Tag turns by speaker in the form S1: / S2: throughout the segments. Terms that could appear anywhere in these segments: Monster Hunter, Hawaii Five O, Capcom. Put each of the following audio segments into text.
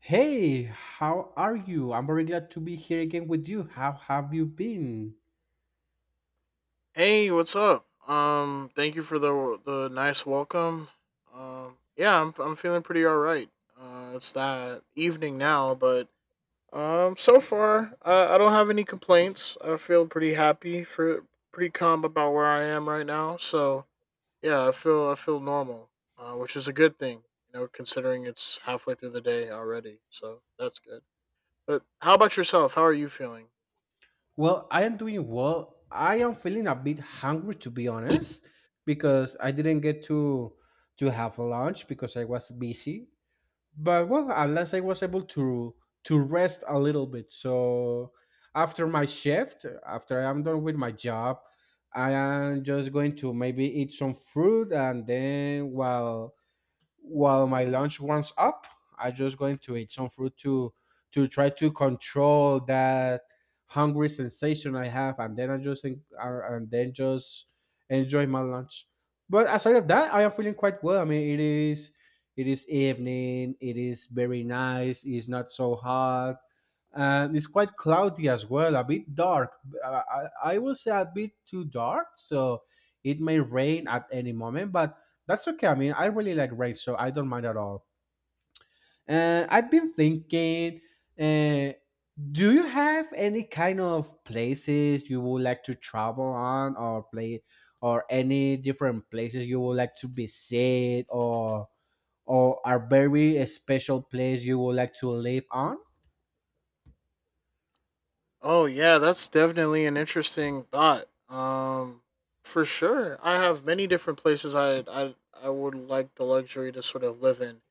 S1: Hey, how are you? I'm very glad to be here again with you. How have you been?
S2: Hey, what's up? Thank you for the nice welcome. Yeah, I'm feeling pretty all right. It's that evening now, but so far I don't have any complaints. I feel pretty happy for pretty calm about where I am right now. So yeah, I feel normal, which is a good thing, you know, considering it's halfway through the day already. So that's good. But how about yourself? How are you feeling?
S1: Well, I am doing well. I am feeling a bit hungry to be honest because I didn't get to have lunch because I was busy. But well, at least I was able to rest a little bit. So after my shift, after I am done with my job, I am just going to maybe eat some fruit, and then while my lunch warms up, I'm just going to eat some fruit to try to control that hungry sensation I have, and then I just think, and then just enjoy my lunch. But aside of that, I am feeling quite well. I mean, it is evening. It is very nice. It's not so hot. And it's quite cloudy as well, a bit dark. I will say a bit too dark, so it may rain at any moment. But that's okay. I mean, I really like race, so I don't mind at all. I've been thinking, uh, do you have any kind of places you would like to travel on, or play, or any different places you would like to visit, or a very special place you would like to live on?
S2: Oh yeah, that's definitely an interesting thought. For sure, I have many different places I would like the luxury to sort of live in.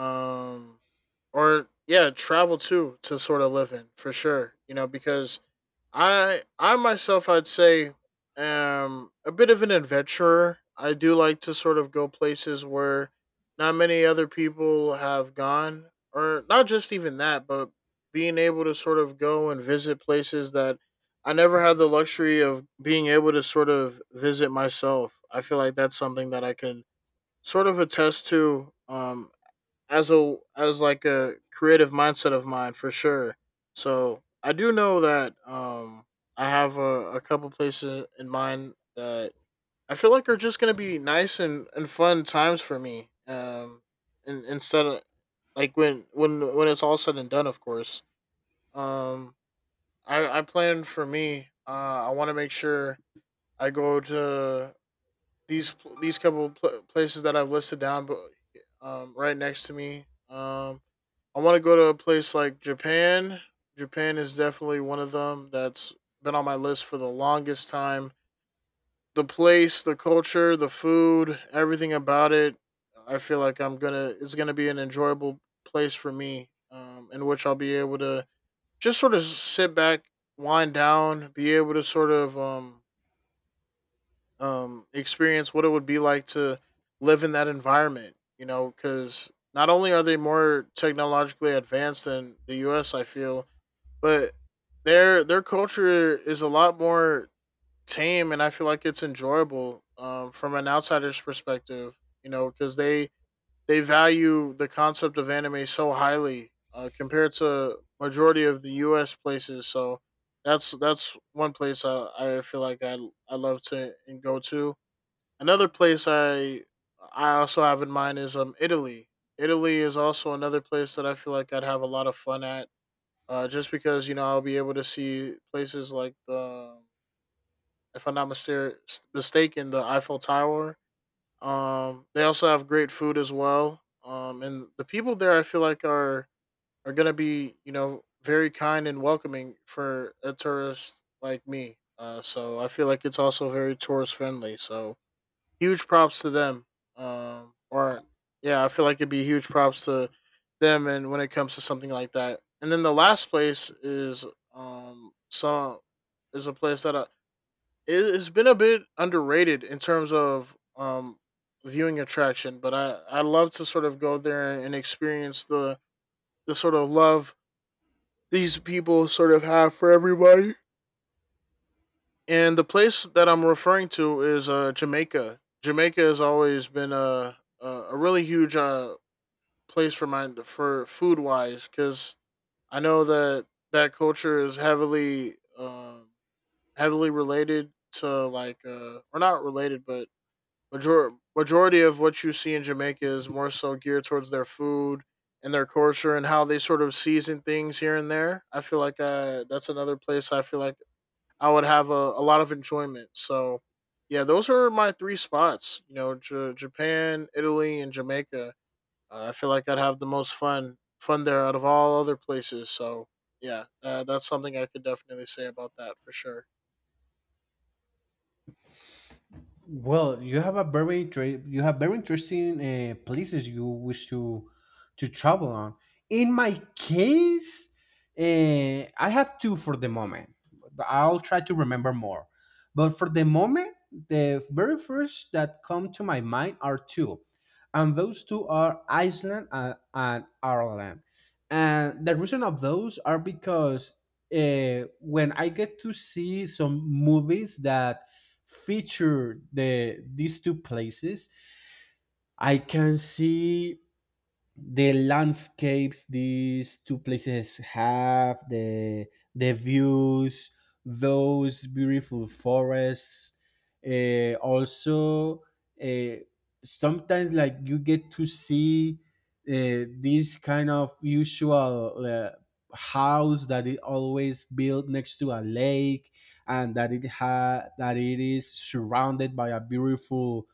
S2: Um, or yeah, travel to sort of live in for sure. You know because I myself I'd say am a bit of an adventurer. I do like to sort of go places where not many other people have gone or not just even that, but being able to sort of go and visit places that I never had the luxury of being able to sort of visit myself. I feel like that's something that I can sort of attest to as a as like a creative mindset of mine for sure. So I do know that I have a couple places in mind that I feel like are just gonna be nice and fun times for me. And instead of like when it's all said and done of course. Um I plan for me, I wanna make sure I go to these pl- these couple pl- places that I've listed down but right next to me. I want to go to a place like Japan. Japan is definitely one of them that's been on my list for the longest time. The place, the culture, the food, everything about it, I feel like I'm gonna it's gonna be an enjoyable place for me, in which I'll be able to just sort of sit back, wind down, be able to sort of experience what it would be like to live in that environment. You know, because not only are they more technologically advanced than the U.S., I feel but their culture is a lot more tame, and I feel like it's enjoyable from an outsider's perspective. You know, because they value the concept of anime so highly compared to majority of the U.S. places. So that's one place I feel like I love to go to. Another place I also have in mind is Italy. Italy is also another place that I feel like I'd have a lot of fun at just because you know I'll be able to see places like if I'm not mister- mistaken, the Eiffel Tower. They also have great food as well. And the people there, I feel like are gonna be you know very kind and welcoming for a tourist like me. So I feel like it's also very tourist friendly. So huge props to them. Or Yeah, I feel like it'd be huge props to them, and when it comes to something like that. And then the last place is some is a place that has been a bit underrated in terms of viewing attraction, but I love to sort of go there and experience the sort of love these people sort of have for everybody. And the place that I'm referring to is Jamaica. Jamaica has always been a really huge place for my for food wise because I know that that culture is heavily heavily related to like or not related, but major- majority of what you see in Jamaica is more so geared towards their food and their culture and how they sort of season things here and there. I feel like that's another place I feel like I would have a lot of enjoyment. So, yeah, those are my three spots. You know, Japan, Italy, and Jamaica. I feel like I'd have the most fun there out of all other places. So, yeah, that's something I could definitely say about that for sure.
S1: Well, you have a you have very interesting places you wish to travel on. In my case, I have two for the moment, but I'll try to remember more. But for the moment, the very first that come to my mind are two, and those two are Iceland and Ireland. And the reason of those are because when I get to see some movies that feature these two places, I can see the landscapes these two places have, the views, those beautiful forests. Also, uh, sometimes like you get to see this kind of usual house that it always built next to a lake, and that it ha that it is surrounded by a beautiful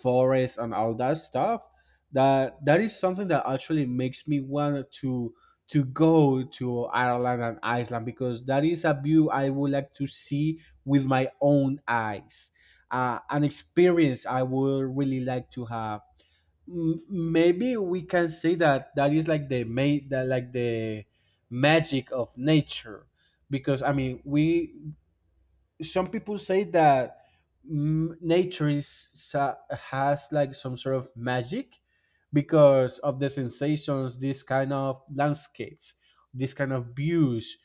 S1: forest and all that stuff, that is something that actually makes me want to go to Ireland and Iceland, because that is a view I would like to see with my own eyes. An experience I would really like to have. Maybe we can say that that is like the magic of nature, because I mean, we, some people say that nature has like some sort of magic because of the sensations this kind of landscapes, this kind of views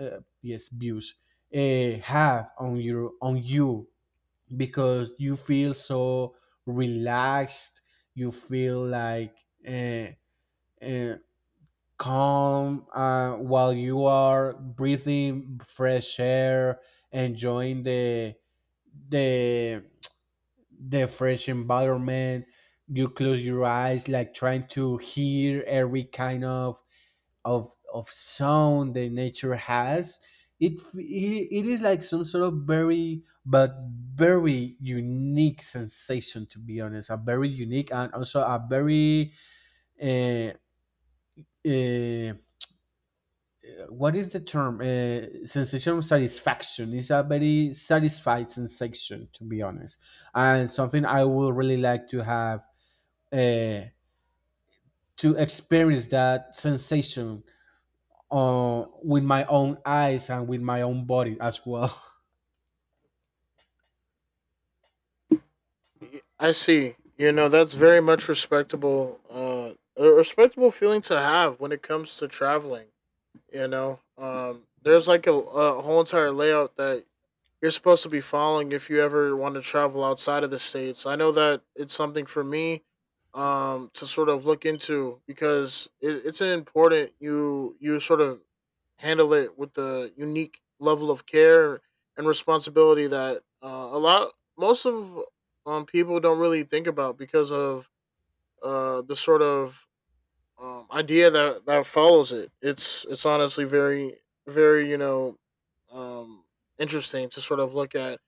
S1: uh, yes views have on your on you, because you feel so relaxed, you feel like uh, uh, calm while you are breathing fresh air, enjoying the the fresh environment. You close your eyes like trying to hear every kind of sound that nature has. It is like some sort of very but very unique sensation, to be honest, a very unique and also a very uh, uh, what is the term? Sensation of satisfaction. It's a very satisfied sensation, to be honest, and something I would really like to have, uh, to experience that sensation with my own eyes and with my own body as well.
S2: I see. You know, that's very much respectable. A respectable feeling to have when it comes to traveling. You know, there's like a whole entire layout that you're supposed to be following if you ever want to travel outside of the states. I know that it's something for me to sort of look into because it's important you sort of handle it with the unique level of care and responsibility that a lot most of people don't really think about because of the sort of idea that that follows it. It's honestly very very you know um interesting to sort of look at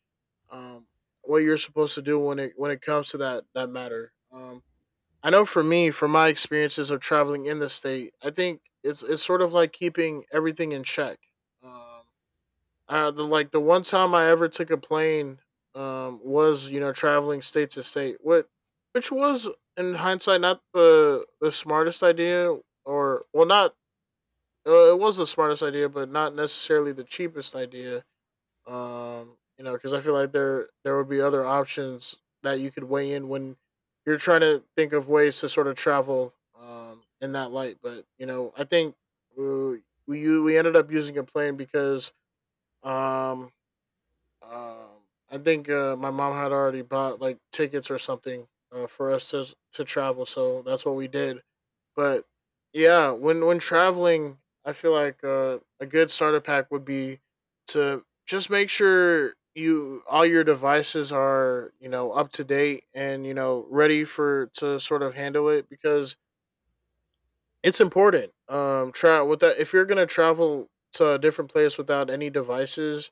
S2: um, what you're supposed to do when it comes to that that matter. I know for me, from my experiences of traveling in the state, I think it's sort of like keeping everything in check. Um, the like the one time I ever took a plane was you know traveling state to state, what which was in hindsight not the smartest idea, or well not it was the smartest idea, but not necessarily the cheapest idea you know, because I feel like there would be other options that you could weigh in when you're trying to think of ways to sort of travel in that light. But you know, I think we ended up using a plane because um, um, I think my mom had already bought like tickets or something for us to travel, so that's what we did. But yeah, when traveling, I feel like a good starter pack would be to just make sure you all your devices are you know up to date and you know ready for to sort of handle it because it's important. Try with that if you're gonna travel to a different place without any devices,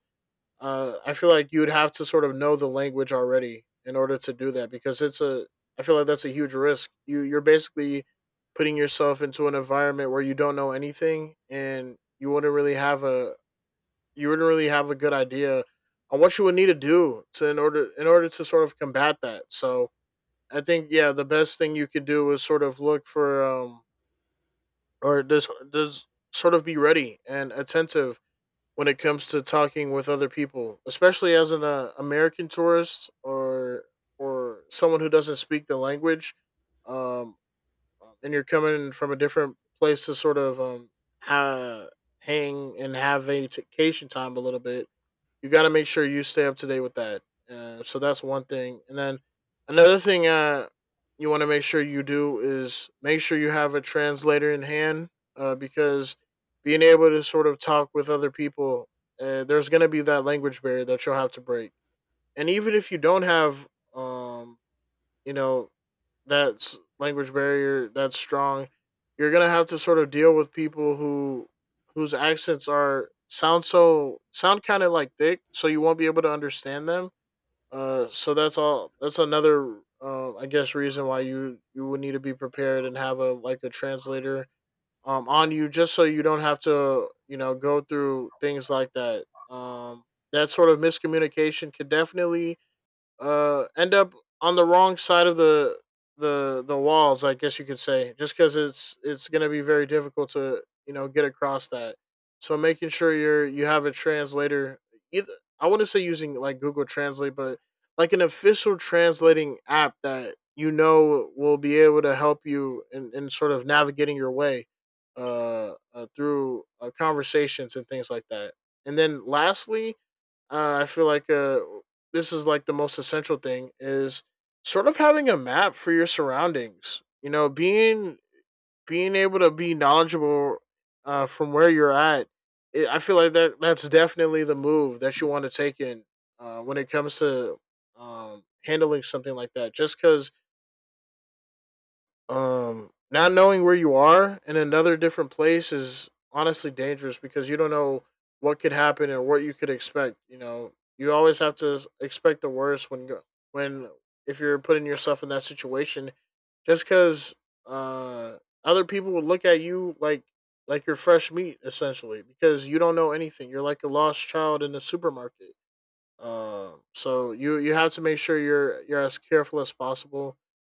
S2: I feel like you would have to sort of know the language already in order to do that because it's a. I feel like that's a huge risk. You you're basically putting yourself into an environment where you don't know anything and you wouldn't really have a you wouldn't really have a good idea on what you would need to do to in order to sort of combat that. So I think yeah, the best thing you can do is sort of look for or just does sort of be ready and attentive when it comes to talking with other people, especially as an American tourist or someone who doesn't speak the language, um, and you're coming from a different place to sort of ha- hang and have vacation time a little bit. You got to make sure you stay up to date with that. So that's one thing. And then another thing you want to make sure you do is make sure you have a translator in hand because being able to sort of talk with other people, there's going to be that language barrier that you'll have to break. And even if you don't have, um, you know, that's language barrier that's strong, you're gonna have to sort of deal with people whose accents are sound so sound kind of like thick, so you won't be able to understand them. So that's all. That's another, I guess, reason why you would need to be prepared and have a like a translator on you, just so you don't have to you know go through things like that. That sort of miscommunication could definitely end up on the wrong side of the walls. I guess you could say just because it's going to be very difficult to you know get across that, so making sure you're you have a translator either. I wouldn't say using like Google Translate but like an official translating app that you know will be able to help you in sort of navigating your way through conversations and things like that. And then lastly I feel like this is like the most essential thing is sort of having a map for your surroundings. You know, being being able to be knowledgeable from where you're at. I feel like that that's definitely the move that you want to take in when it comes to handling something like that. Just because not knowing where you are in another different place is honestly dangerous because you don't know what could happen and what you could expect. You always have to expect the worst when go- when if you're putting yourself in that situation, just because uh other people would look at you like you're fresh meat, essentially, because you don't know anything. You're like a lost child in the supermarket. So you have to make sure you're as careful as possible,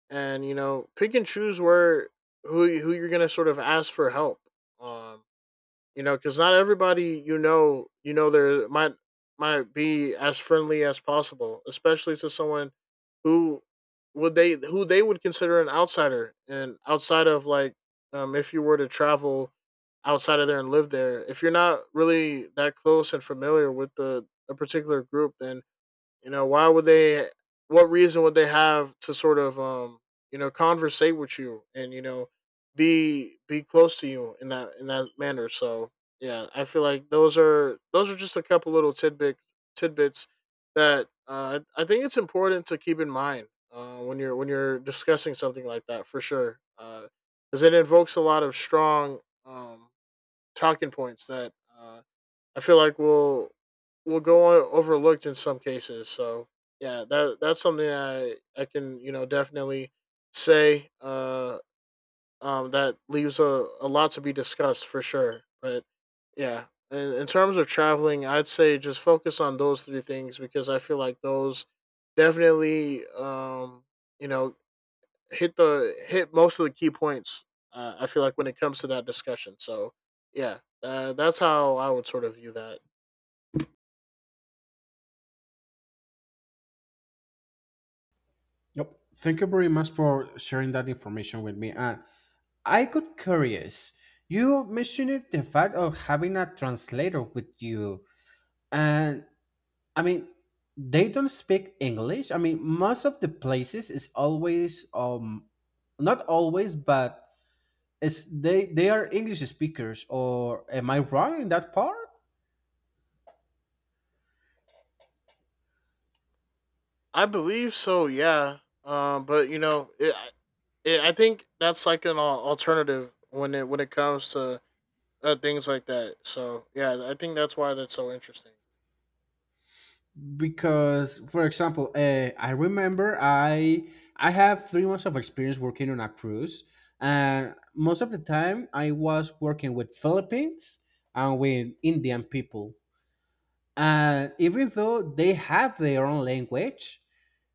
S2: and you know, pick and choose where who you're gonna sort of ask for help. Um, you know, because not everybody, you know, there might be as friendly as possible, especially to someone who would they who they would consider an outsider, and outside of like, if you were to travel outside of there and live there, if you're not really that close and familiar with the a particular group, then, you know, why would they? What reason would they have to sort of you know, conversate with you and you know, be close to you in that manner? So yeah, I feel like those are just a couple little tidbits that I think it's important to keep in mind when you're discussing something like that, for sure, because it invokes a lot of strong talking points that. Uh, I feel like we will go on overlooked in some cases. So yeah, that that's something I can, you know, definitely say, that leaves a lot to be discussed for sure. But yeah, in terms of traveling, I'd say just focus on those three things because I feel like those definitely you know, hit most of the key points. I feel like when it comes to that discussion. So yeah, that's how I would sort of view that.
S1: Yep. Thank you very much for sharing that information with me. And I got curious. You mentioned it, the fact of having a translator with you, and I mean, they don't speak English. I mean, most of the places is always not always, but it's, they are English speakers. Or am I wrong in that part?
S2: I believe so. Yeah. But you know, I think that's like an alternative when it comes to things like that. So yeah, I think that's why that's so interesting.
S1: Because, for example, I remember I have 3 months of experience working on a cruise, and most of the time I was working with Philippines and with Indian people. And even though they have their own language,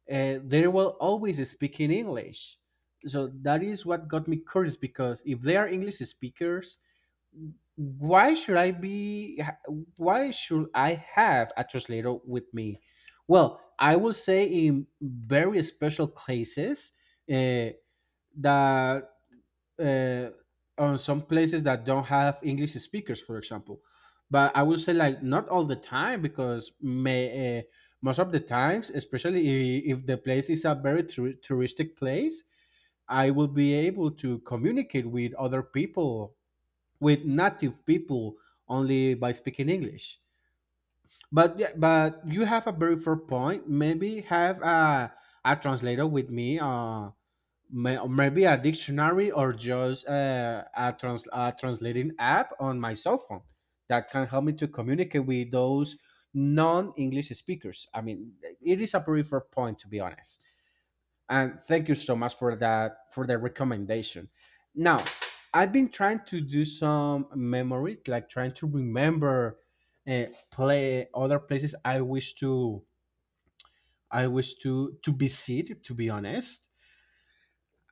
S1: and they will always speak in English. So that is what got me curious, because if they are English speakers, why should I be? Why should I have a translator with me? Well, I will say in very special cases, uh, that uh, on some places that don't have English speakers, for example. But I would say like not all the time, because most of the times, especially if the place is a touristic place, I will be able to communicate with other people, with native people, only by speaking English. But yeah, but you have a very fair point. Maybe have a translator with me, or maybe a dictionary, or just a translating app on my cell phone that can help me to communicate with those non-English speakers. I mean, it is a very point, to be honest, and thank you so much for that, for the recommendation. Now, I've been trying to do some memory, like trying to remember uh, play other places I wish to I wish to visit, to be honest.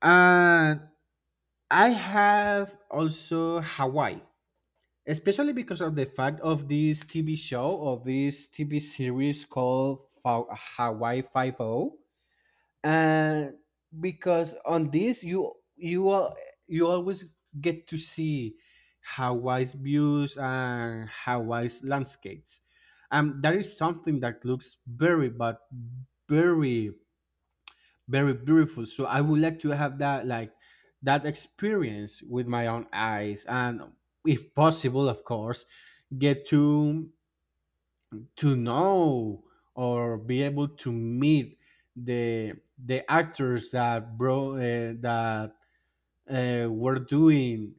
S1: And I have also Hawaii, especially because of the fact of this TV show, or this TV series called Hawaii Five O. And because on this, you always get to see Hawaii's views and Hawaii's landscapes. That is something that looks very but very very beautiful. So I would like to have that, like that experience with my own eyes, and if possible, of course, get to know, or be able to meet the actors that bro that were doing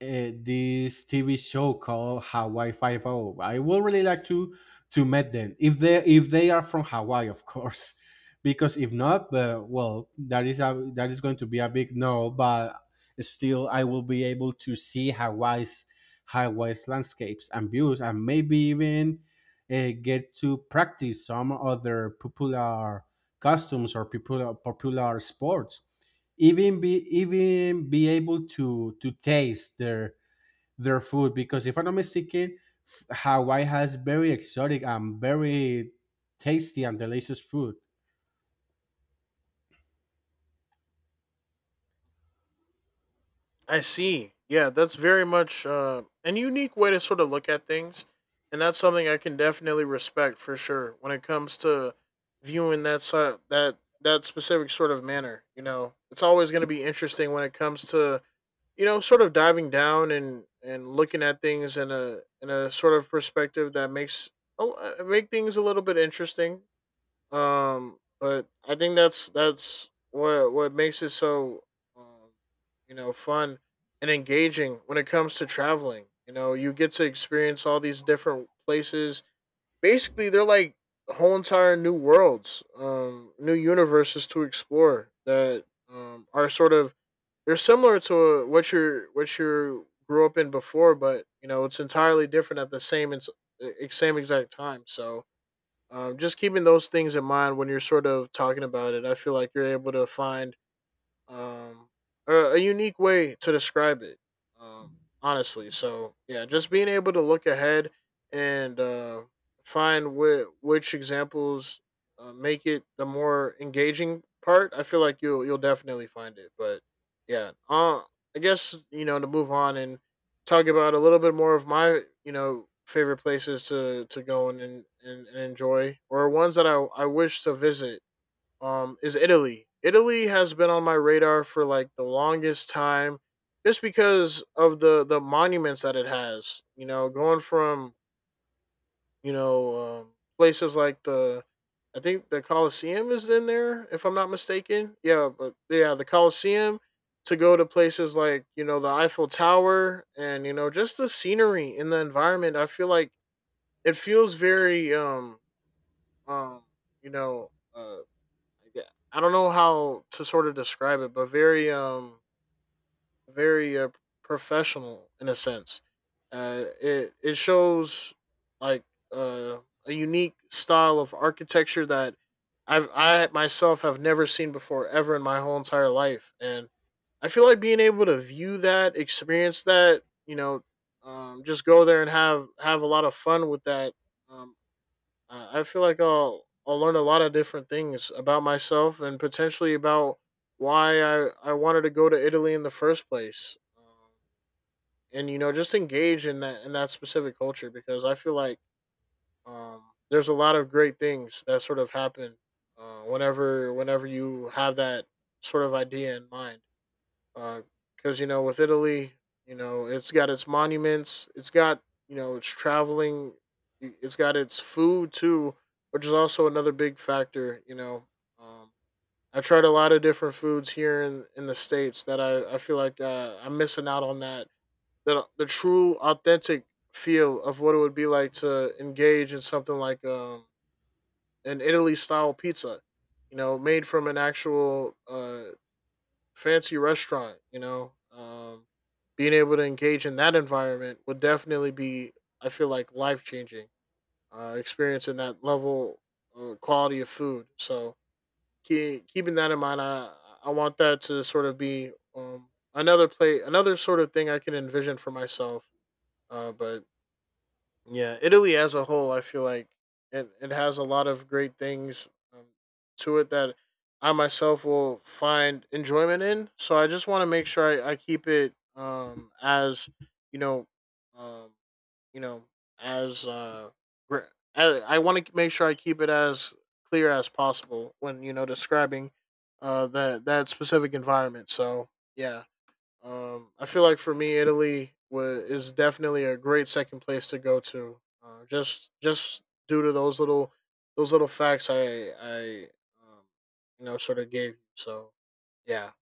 S1: uh, this TV show called Hawaii Five O. I would really like to meet them if they are from Hawaii, of course. Because if not, well, that is that is going to be a big no. But still, I will be able to see Hawaii's landscapes and views, and maybe even get to practice some other popular costumes, or popular sports, even be able to taste their food, because if I'm not mistaken, Hawaii has very exotic and very tasty and delicious food.
S2: I see. Yeah, that's very much an unique way to sort of look at things, and that's something I can definitely respect for sure when it comes to viewing that side, that specific sort of manner. You know, it's always going to be interesting when it comes to, you know, sort of diving down and looking at things in a sort of perspective that makes make things a little bit interesting. But I think that's what makes it so um, you know, fun and engaging when it comes to traveling. You know, you get to experience all these different places. Basically, they're like whole entire new worlds, new universes to explore that are sort of, they're similar to what you grew up in before, but you know, it's entirely different at the same exact time. So just keeping those things in mind when you're sort of talking about it, I feel like you're able to find um a unique way to describe it, um honestly. So yeah, just being able to look ahead and find which examples make it the more engaging part, I feel like you'll definitely find it. But yeah, I guess, you know, to move on and talk about a little bit more of my, you know, favorite places to go and and enjoy, or ones that I wish to visit, is Italy. Italy has been on my radar for like the longest time, just because of the monuments that it has. You know, going from, you know, places like the, I think the Colosseum is in there, if I'm not mistaken. Yeah, but yeah, the Colosseum, to go to places like, you know, the Eiffel Tower, and you know, just the scenery and the environment. I feel like it feels very um you know, yeah, I don't know how to sort of describe it, but very very professional in a sense. It shows like, uh, a unique style of architecture that I myself have never seen before ever in my whole entire life, and I feel like being able to view that, experience that, you know, just go there and have a lot of fun with that. Um, I feel like I'll learn a lot of different things about myself, and potentially about why I wanted to go to Italy in the first place, and you know, just engage in that, in that specific culture, because I feel like um, there's a lot of great things that sort of happen whenever you have that sort of idea in mind, because you know, with Italy, you know, it's got its monuments, it's got, you know, it's traveling, it's got its food too, which is also another big factor. You know, um, I tried a lot of different foods here in the states that I feel like I'm missing out on that that the true authentic feel of what it would be like to engage in something like, an Italy style pizza, you know, made from an actual fancy restaurant, you know, being able to engage in that environment would definitely be, I feel like, life changing. Experiencing that level, quality of food. So keeping that in mind, I want that to sort of be, another another sort of thing I can envision for myself. But yeah, Italy as a whole, I feel like it has a lot of great things to it that I myself will find enjoyment in. So I just want to make sure I keep it as, you know, um you know as uh gr- I want to make sure I keep it as clear as possible when, you know, describing that specific environment. So yeah, I feel like for me, Italy is definitely a great second place to go to. Just due to those little facts I um, you know, sort of gave. You. So yeah,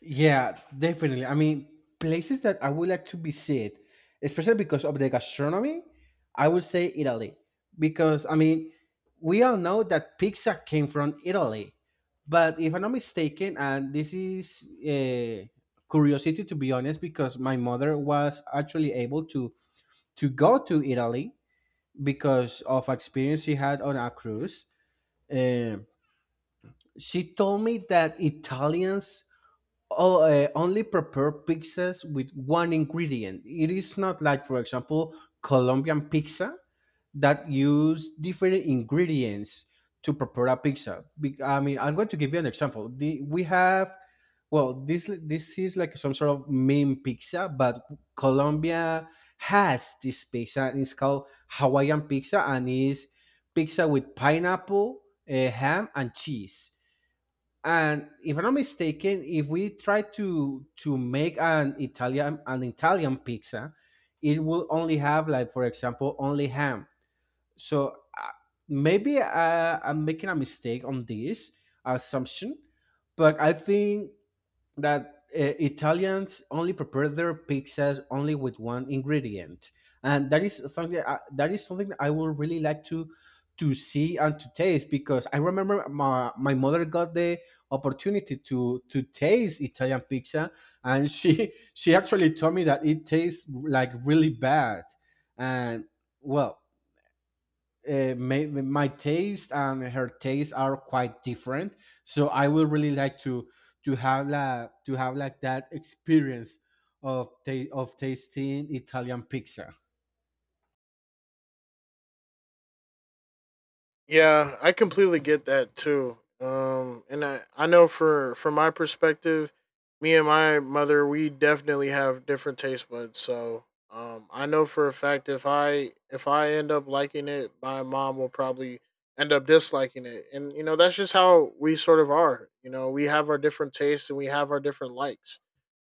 S1: Yeah, definitely. I mean, places that I would like to visit, especially because of the gastronomy, I would say Italy. Because, I mean, we all know that pizza came from Italy. But if I'm not mistaken, and this is a curiosity, to be honest, because my mother was actually able to go to Italy because of experience she had on a cruise. Um, she told me that Italians only prepare pizzas with one ingredient. It is not like, for example, Colombian pizza that use different ingredients to prepare a pizza. I mean, I'm going to give you an example. We have, well, this is like some sort of meme pizza, but Colombia has this pizza. And it's called Hawaiian pizza, and it's pizza with pineapple, ham, and cheese. And if I'm not mistaken, if we try to make an Italian pizza, it will only have like, for example, only ham. So maybe I'm making a mistake on this assumption, but I think that Italians only prepare their pizzas only with one ingredient, and that is something that that is something that I would really like to see and to taste, because I remember my mother got the opportunity to taste Italian pizza, and she she actually told me that it tastes like really bad, and well, my taste and her taste are quite different. So I would really like to to have like that experience of of tasting Italian pizza.
S2: yeah, I completely get that too. And I know for from my perspective, me and my mother, we definitely have different taste buds. So, I know for a fact if I end up liking it, my mom will probably end up disliking it. And you know, that's just how we sort of are. You know, we have our different tastes and we have our different likes.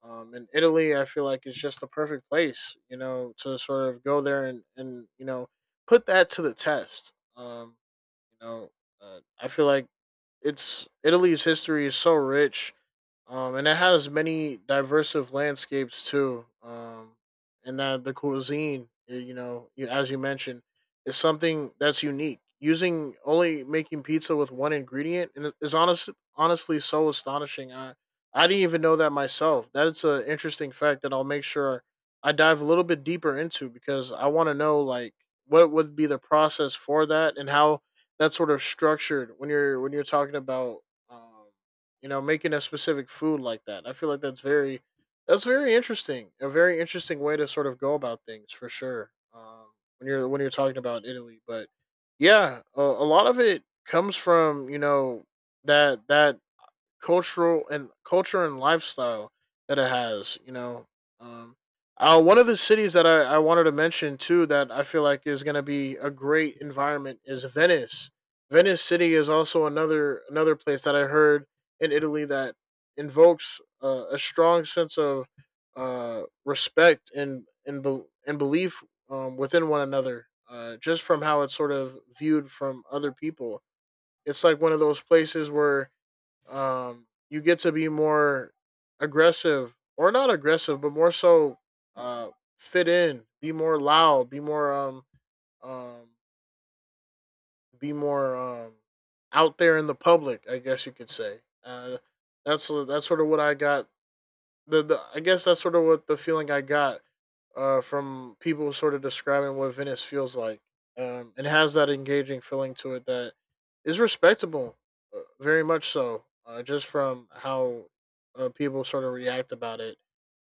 S2: And Italy, I feel like it's just the perfect place, you know, to sort of go there and you know, put that to the test. You know, I feel like it's Italy's history is so rich, and it has many diverse of landscapes too. And that the cuisine, you know, you, as you mentioned, is something that's unique. Using only making pizza with one ingredient and honestly, so astonishing. I didn't even know that myself. That's an interesting fact that I'll make sure I dive a little bit deeper into, because I want to know like what would be the process for that, and how that's sort of structured when you're talking about. Um, you know, making a specific food like that. I feel like that's very interesting. A very interesting way to sort of go about things for sure. When you're when you're talking about Italy, but yeah, a lot of it comes from, you know, that cultural and culture and lifestyle that it has. You know, um, one of the cities that I wanted to mention too, that I feel like is going to be a great environment, is Venice. Venice City is also another place that I heard in Italy that invokes, a strong sense of respect and, bel and belief within one another. Just from how it's sort of viewed from other people, it's like one of those places where you get to be more aggressive, or not aggressive, but more so uh, fit in, be more loud, um, be more out there in the public. I guess you could say. That's sort of what I got the I guess that's sort of what the feeling I got from people sort of describing what Venice feels like. It has that engaging feeling to it that is respectable, very much so, just from how people sort of react about it.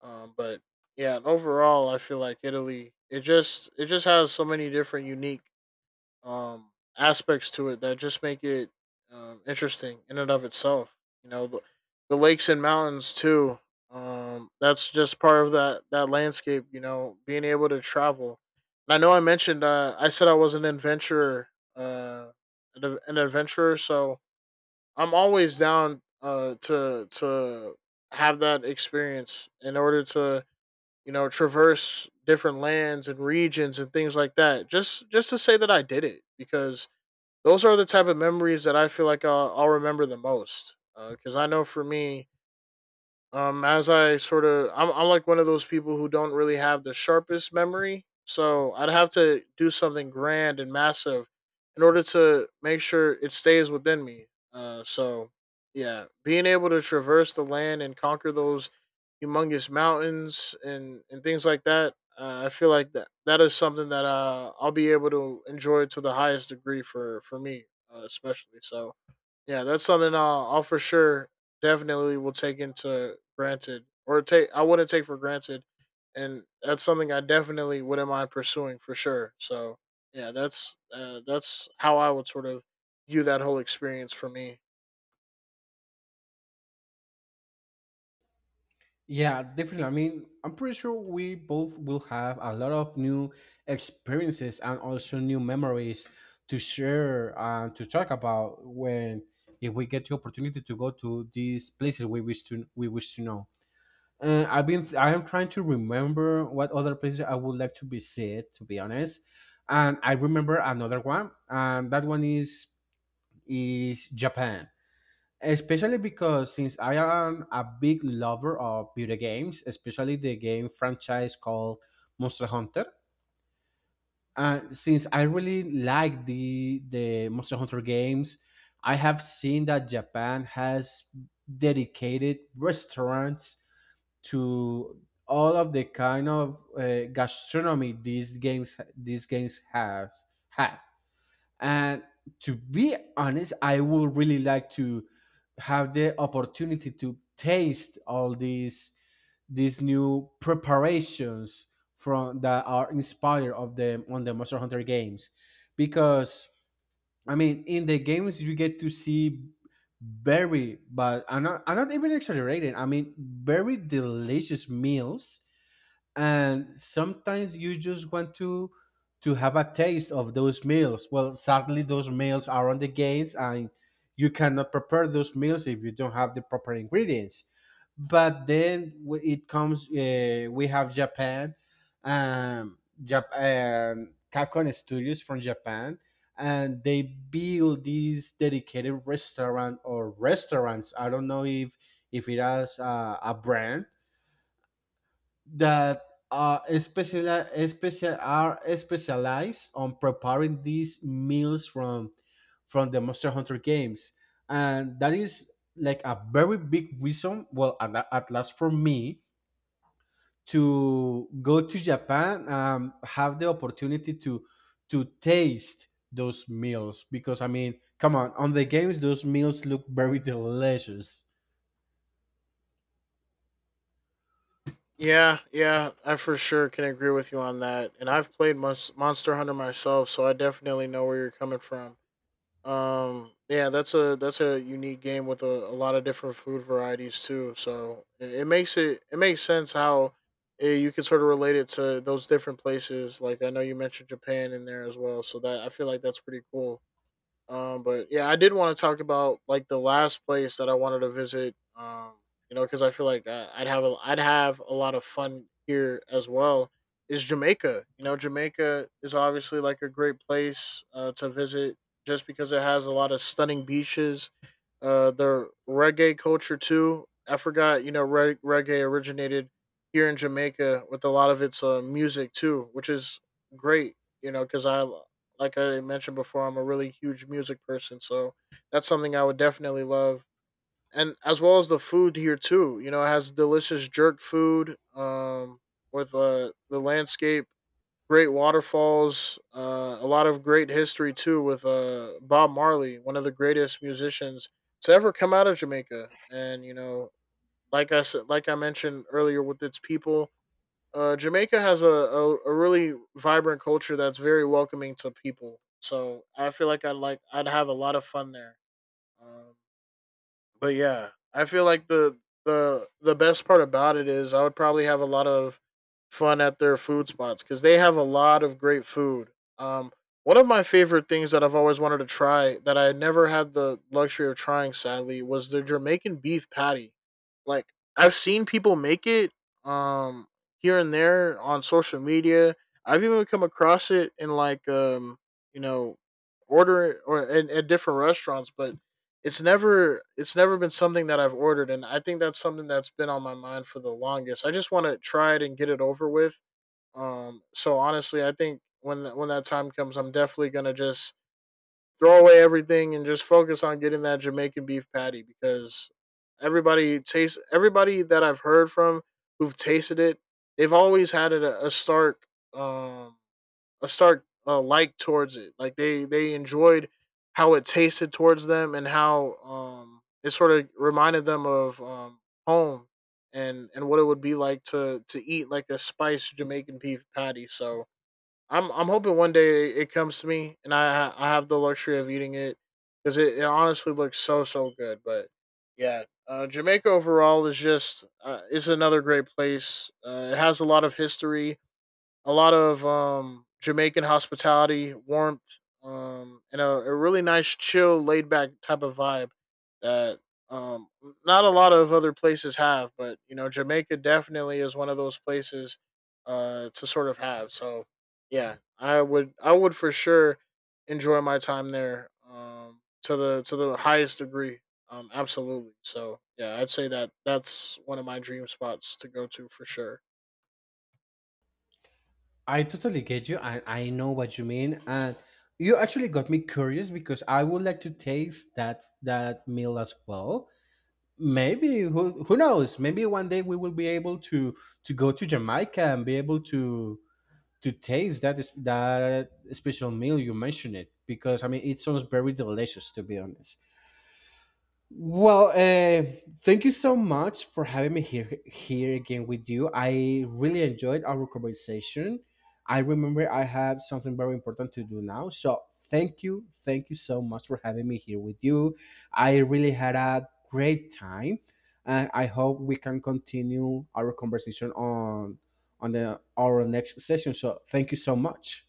S2: But yeah, overall, I feel like Italy. It just has so many different unique um, aspects to it that just make it interesting in and of itself. You know, the, the lakes and mountains too. That's just part of that landscape. Being able to travel. And I know I mentioned I said I was an adventurer, uh, an adventurer. So I'm always down to have that experience in order to traverse different lands and regions and things like that. Just to say that I did it, because those are the type of memories that I feel like I'll remember the most. Because I know for me, as I sort of I'm like one of those people who don't really have the sharpest memory, so I'd have to do something grand and massive in order to make sure it stays within me So yeah, being able to traverse the land and conquer those humongous mountains and things like that, I feel like that is something that I'll be able to enjoy to the highest degree for me, especially. So yeah, that's something I'll for sure definitely will take into granted, or take, I wouldn't take for granted, and that's something I definitely wouldn't mind pursuing for sure. So yeah, that's how I would sort of view that whole experience for me.
S1: Yeah, definitely. I mean, I'm pretty sure we both will have a lot of new experiences and also new memories to share and to talk about, when if we get the opportunity to go to these places we wish to, know. I am trying to remember what other places I would like to visit, to be honest. And I remember another one, and that one is Japan. Especially because since I am a big lover of video games, especially the game franchise called Monster Hunter. And since I really like the Monster Hunter games, I have seen that Japan has dedicated restaurants to all of the kind of gastronomy these games has have. And to be honest, I would really like to have the opportunity to taste all these new preparations from, that are inspired of them on the Monster Hunter games. Because I mean, in the games you get to see very, but I'm not even exaggerating, I mean, very delicious meals, and sometimes you just want to have a taste of those meals. Well, sadly, those meals are on the gates, and you cannot prepare those meals if you don't have the proper ingredients. But then it comes, we have Japan, Capcom studios from Japan, and they build these dedicated restaurant or restaurants, I don't know if it has a brand, that are special, special are specialized on preparing these meals from the Monster Hunter games. And that is like a very big reason, well, at last for me, to go to Japan, have the opportunity to taste those meals, because I mean, come on the games those meals look very delicious.
S2: Yeah, yeah, I for sure can agree with you on that, and I've played Monster Hunter myself, so I definitely know where you're coming from. Yeah, that's a unique game with a lot of different food varieties too. So it makes sense how you can sort of relate it to those different places. Like I know you mentioned Japan in there as well, so that I feel like that's pretty cool. But yeah, I did want to talk about like the last place that I wanted to visit. You know, because I feel like I'd have I'd have a lot of fun here as well. Is Jamaica? You know, Jamaica is obviously like a great place to visit, just because it has a lot of stunning beaches. The reggae culture too. I forgot. You know, reggae originated here in Jamaica with a lot of its music too, which is great. You know, because I mentioned before, I'm a really huge music person, so that's something I would definitely love. And as well as the food here too, you know, it has delicious jerk food, with the landscape, great waterfalls, a lot of great history too with Bob Marley, one of the greatest musicians to ever come out of Jamaica, and you know, like I said, like I mentioned earlier, with its people, Jamaica has a really vibrant culture that's very welcoming to people. So I feel like I'd have a lot of fun there. Um, but yeah, I feel like the best part about it is I would probably have a lot of fun at their food spots, because they have a lot of great food. Um, One of my favorite things that I've always wanted to try, that I never had the luxury of trying, sadly, was the Jamaican beef patty. Like I've seen people make it um here and there on social media. I've even come across it in like you know order, or in, at different restaurants, but it's never been something that I've ordered, and I think that's something that's been on my mind for the longest. I just want to try it and get it over with. So honestly, I think when when that time comes, I'm definitely going to just throw away everything and just focus on getting that Jamaican beef patty, because everybody that I've heard from who've tasted it, they've always had it a stark um a stark like towards it. Like they enjoyed how it tasted towards them, and how it sort of reminded them of home, and what it would be like to eat like a spiced Jamaican beef patty. So I'm hoping one day it comes to me, and I have the luxury of eating it, because it honestly looks so good. But yeah, Jamaica overall is just is another great place. It has a lot of history, a lot of Jamaican hospitality, warmth, and a really nice, chill, laid back type of vibe that um, not a lot of other places have. But you know, Jamaica definitely is one of those places to sort of have. So yeah, I would for sure enjoy my time there, to the highest degree. Absolutely. So yeah, I'd say that that's one of my dream spots to go to for sure.
S1: I totally get you. I know what you mean. And you actually got me curious, because I would like to taste that meal as well. Maybe who knows? Maybe one day we will be able to go to Jamaica, and be able to taste that special meal you mentioned it, because I mean it sounds very delicious, to be honest. Well, thank you so much for having me here again with you. I really enjoyed our conversation. I remember I have something very important to do now, so thank you so much for having me here with you. I really had a great time, and I hope we can continue our conversation on our next session. So thank you so much.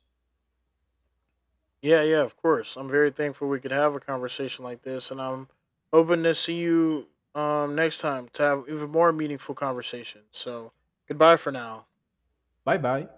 S2: Yeah, yeah, of course. I'm very thankful we could have a conversation like this, and I'm hoping to see you next time to have even more meaningful conversations. So goodbye for now.
S1: Bye bye.